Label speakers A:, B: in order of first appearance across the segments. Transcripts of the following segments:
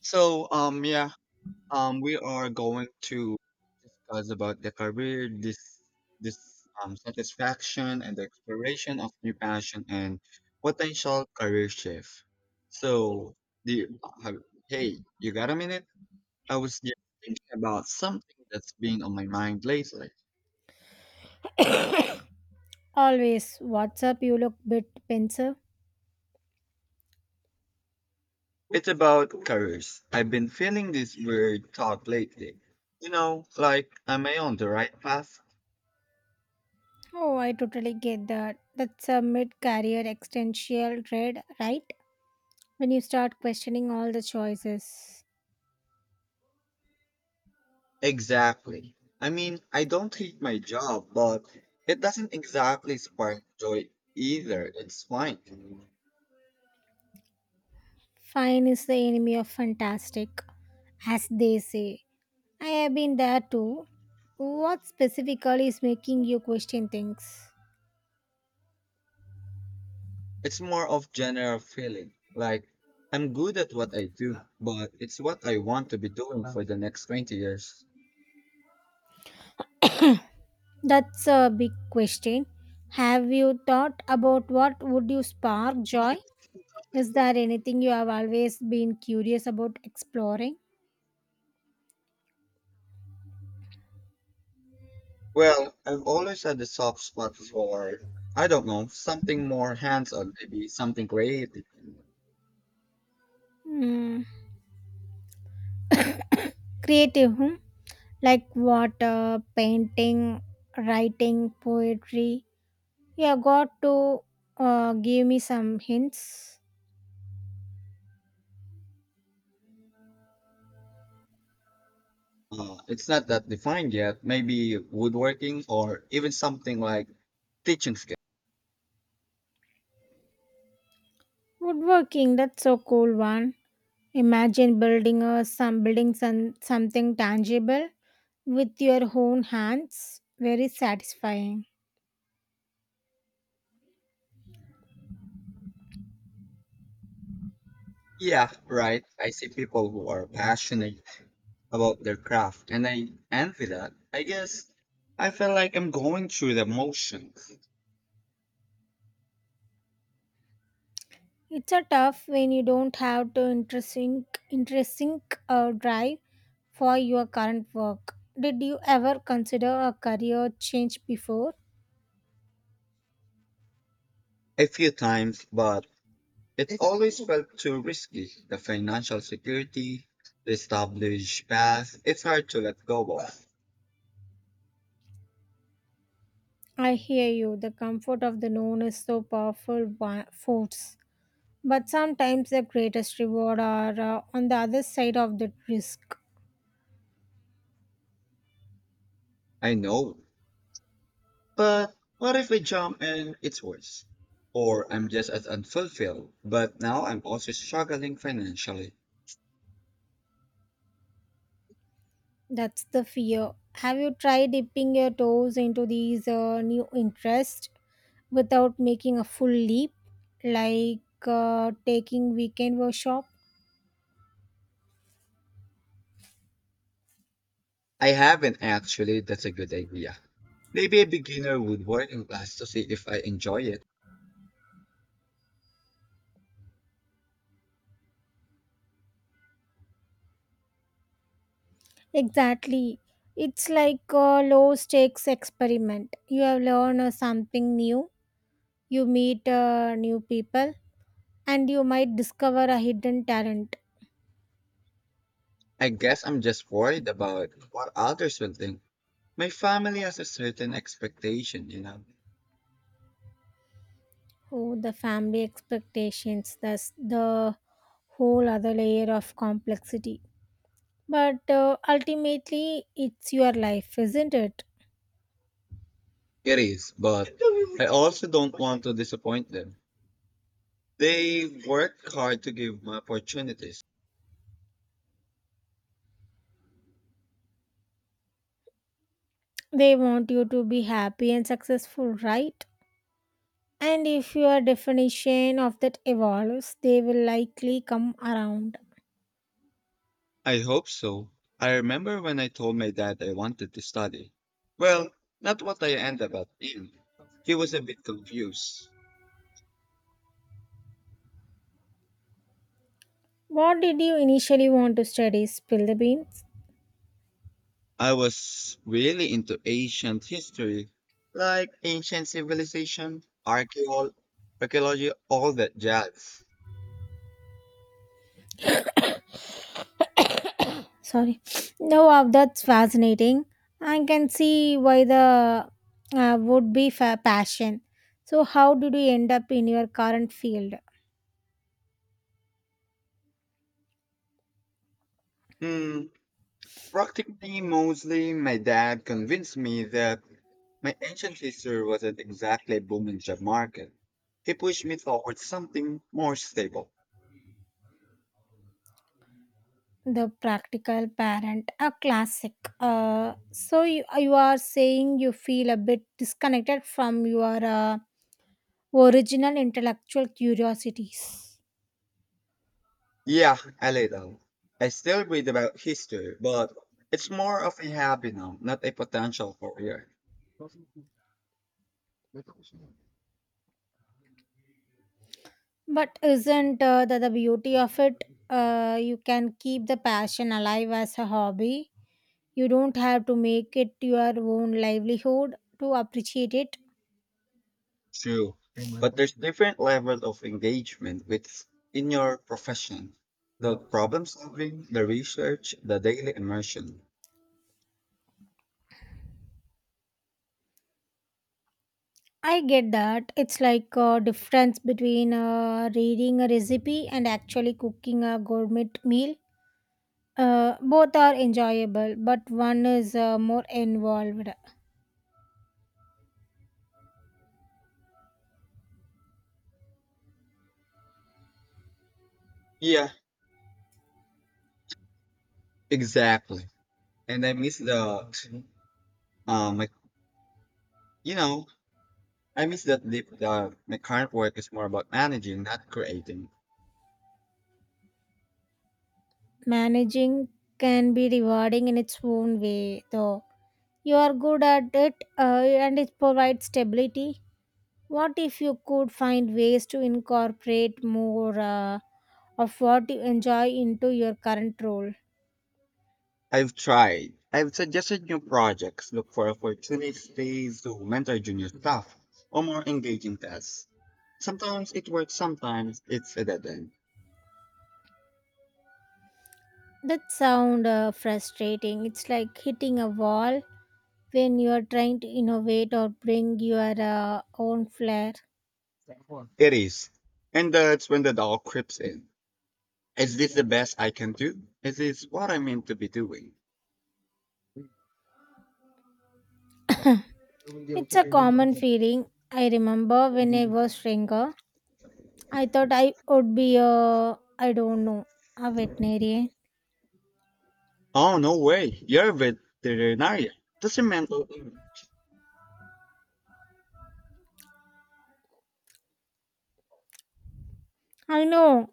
A: So we are going to discuss about the career, this satisfaction and the exploration of new passion and potential career shift. So do you, have, Hey, you got a minute? I was just thinking about something that's been on my mind lately.
B: Always. What's up? You look bit pensive.
A: It's about careers. I've been feeling this weird thought lately. You know, like am I on the right path?
B: Oh, I totally get that. That's a mid-career existential dread, right? When you start questioning all the choices.
A: Exactly. I mean, I don't hate my job, but it doesn't exactly spark joy either. It's fine.
B: Fine is the enemy of fantastic, as they say. I have been there too. What specifically is making you question things?
A: It's more of general feeling. Like I'm good at what I do, but it's what I want to be doing for the next 20 years.
B: That's a big question. Have you thought about what would you spark joy? Is there anything you have always been curious about exploring?
A: Well, I've always had a soft spot for, I don't know, something more hands-on, maybe something creative.
B: Hmm. Creative, hmm? Like what? Painting, writing, poetry. Yeah, got to give me some hints.
A: It's not that defined yet. Maybe woodworking or even something like teaching skills.
B: Woodworking, that's so cool one. Imagine building a some building some, something tangible with your own hands. Very satisfying.
A: Yeah, right. I see people who are passionate about their craft and I envy that. I guess I feel like I'm going through the motions
B: It's a tough when you don't have to interesting drive for your current work. Did you ever consider a career change before?
A: a few times, but it always felt too risky. The financial security, the established path, it's hard to let go of.
B: I hear you. The comfort of the known is so powerful force. But sometimes the greatest reward are on the other side of the risk.
A: I know. But what if I jump and it's worse? Or I'm just as unfulfilled, but now I'm also struggling financially.
B: That's the fear. Have you tried dipping your toes into these new interests without making a full leap, like taking weekend workshop?
A: I haven't actually. That's a good idea. Maybe a beginner woodworking class to see if I enjoy it.
B: Exactly. It's like a low stakes experiment. You have learned something new. You meet new people, and you might discover a hidden talent.
A: I guess I'm just worried about what others will think. My family has a certain expectation, you know.
B: Oh, the family expectations, that's the whole other layer of complexity, but ultimately it's your life, isn't it?
A: It is, but I also don't want to disappoint them. They work hard to give me opportunities.
B: They want you to be happy and successful, right? And if your definition of that evolves, they will likely come around.
A: I hope so. I remember when I told my dad I wanted to study. Well, not what I ended up in. He was a bit confused.
B: What did you initially want to study? Spill the beans.
A: I was really into ancient history, like ancient civilization, archaeology, all that jazz.
B: Sorry. No, wow, that's fascinating. I can see why the passion. So, how did you end up in your current field?
A: Mm, practically mostly my dad convinced me that my ancient history wasn't exactly a booming job market. He pushed me towards something more stable.
B: The practical parent, a classic. So you are saying you feel a bit disconnected from your original intellectual curiosities.
A: Yeah, a little. I still read about history, but it's more of a hobby now, not a potential career.
B: But isn't that the beauty of it? You can keep the passion alive as a hobby. You don't have to make it your own livelihood to appreciate it.
A: True. But there's different level of engagement with in your profession. The problem solving, the research, the daily immersion.
B: I get that. It's like a difference between reading a recipe and actually cooking a gourmet meal. Both are enjoyable, but one is more involved.
A: Yeah, exactly. And I miss the um like, you know, I miss that the my current work is more about managing, not creating.
B: Managing can be rewarding in its own way, though. You are good at it, and it provides stability. What if you could find ways to incorporate more of what you enjoy into your current role?
A: I've tried. I've suggested new projects, look for opportunities to mentor junior staff or more engaging tasks. Sometimes it works, sometimes it's a dead end.
B: That sound frustrating. It's like hitting a wall when you are trying to innovate or bring your own flair.
A: It is. And that's when the doubt creeps in. Is this the best I can do? Is this what I meant to be doing?
B: It's a common feeling. I remember when I was younger, I thought I would be a, I don't know, a veterinarian.
A: Oh, no way. You're a veterinarian. That's a mental image.
B: I know,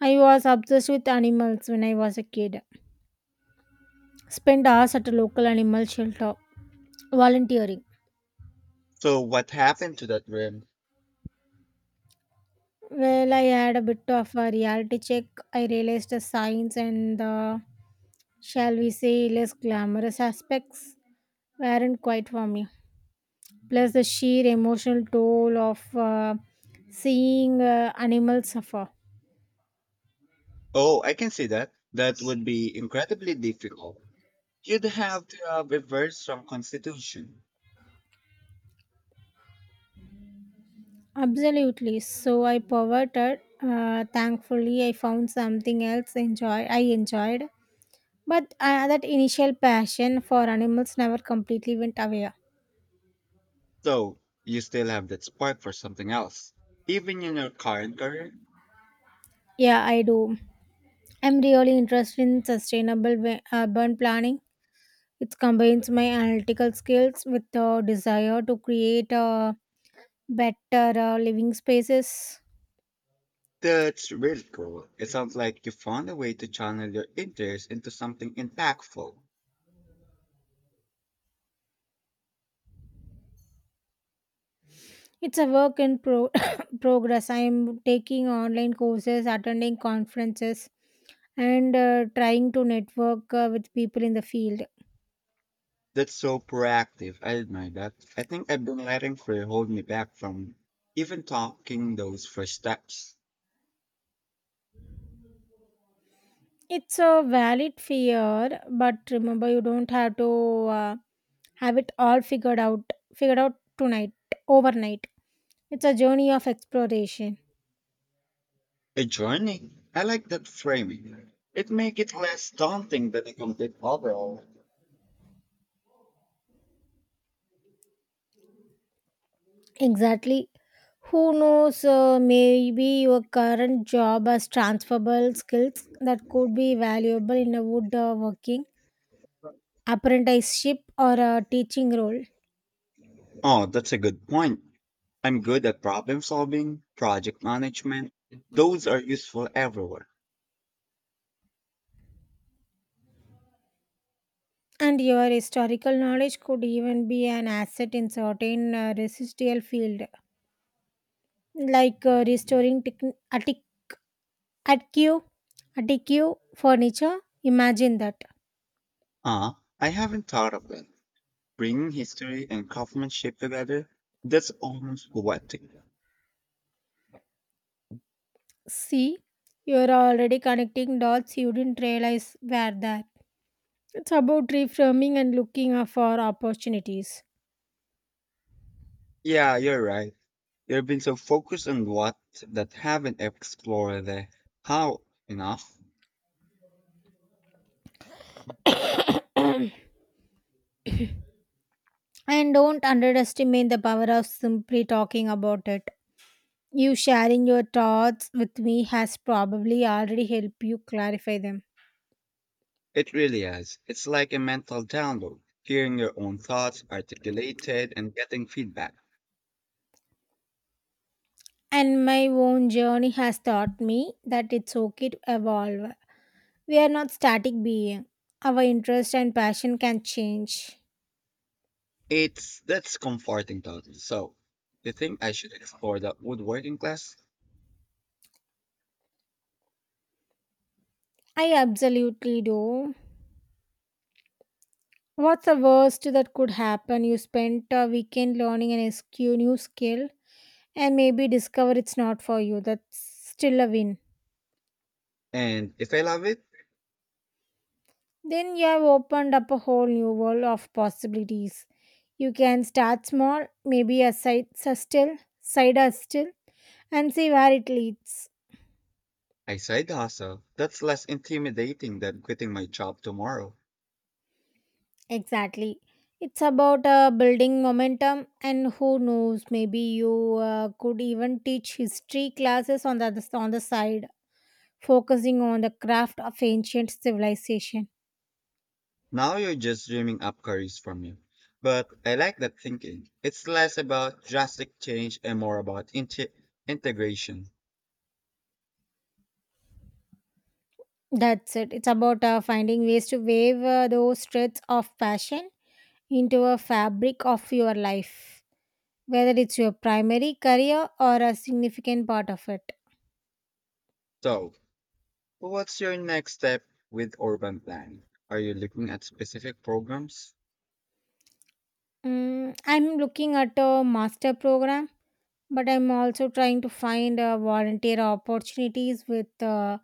B: I was obsessed with animals when I was a kid. Spent hours at a local animal shelter volunteering.
A: So what happened to that rim?
B: Well, I had a bit of a reality check. I realized the science and the, shall we say, less glamorous aspects weren't quite for me. Plus, the sheer emotional toll of seeing animals suffer.
A: Oh, I can see that. That would be incredibly difficult. You'd have to have a very strong constitution.
B: Absolutely. So I perverted. Thankfully, I found something else enjoy. I enjoyed, but that initial passion for animals never completely went away.
A: So you still have that spark for something else. Even in your current career,
B: Yeah, I do. I'm really interested in sustainable urban planning. It combines my analytical skills with the desire to create better living spaces.
A: that's really cool. It sounds like you found a way to channel your interest into something impactful.
B: It's a work in progress. I'm taking online courses, attending conferences, and trying to network with people in the field.
A: That's so proactive. I admire that. I think I've been letting fear hold me back from even talking those first steps.
B: It's a valid fear, but remember you don't have to uh, have it all figured out tonight overnight. It's a journey of exploration.
A: A journey. I like that framing. It makes it less daunting than a complete overhaul.
B: Exactly. Who knows, maybe your current job has transferable skills that could be valuable in a woodworking apprenticeship or a teaching role.
A: Oh, that's a good point. I'm good at problem solving, project management. Those are useful everywhere.
B: And your historical knowledge could even be an asset in certain residual field, like uh, restoring tec- attic attic attic furniture. Imagine that.
A: Ah, I haven't thought of that. Bringing history and craftsmanship together, that's almost poetic.
B: See, you're already connecting dots you didn't realize were there. It's about reframing and looking out for opportunities.
A: Yeah, you're right. You've been so focused on what that haven't explored the how enough.
B: And don't underestimate the power of simply talking about it. You sharing your thoughts with me has probably already helped you clarify them.
A: It really is. It's like a mental download, hearing your own thoughts articulated and getting feedback.
B: And my own journey has taught me that it's okay to evolve. We are not static being. Our interest and passion can change.
A: It's that's comforting thought. So, you think I should explore that woodworking class?
B: I absolutely do. What's the worst that could happen? You spent a weekend learning an SQ new skill and maybe discover it's not for you. That's still a win.
A: And if I love it,
B: Then you have opened up a whole new world of possibilities. You can start small, maybe a side hustle, and see where it leads.
A: I side hustle. That's less intimidating than quitting my job tomorrow.
B: Exactly. It's about building momentum, and who knows, maybe you could even teach history classes on the side, focusing on the craft of ancient civilization.
A: Now you're just dreaming up careers for me. But I like that thinking. It's less about drastic change and more about integration.
B: That's it. It's about finding ways to weave those threads of passion into a fabric of your life, whether it's your primary career or a significant part of it.
A: So, what's your next step with urban planning? Are you looking at specific programs?
B: I'm looking at a master program, but I'm also trying to find volunteer opportunities with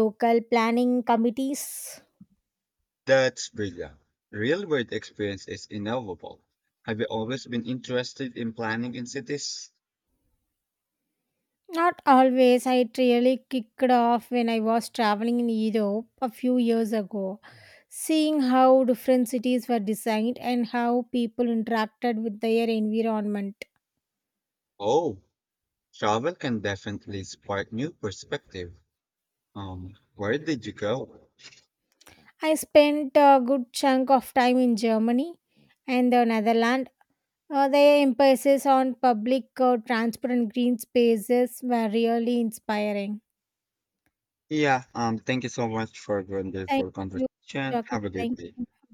B: local planning committees.
A: That's brilliant. Real world experience is inevitable. Have you always been interested in planning in cities?
B: Not always. I really kicked off when I was traveling in Europe a few years ago, seeing how different cities were designed and how people interacted with their environment.
A: Oh, travel can definitely spark new perspective. Where did you go?
B: I spent a good chunk of time in Germany and the Netherlands. Their emphasis on public, transparent green spaces were really inspiring.
A: Yeah, thank you so much for the
B: Thank
A: wonderful
B: you.
A: conversation.
B: Talking.
A: Have a good
B: Thank
A: day.
B: you.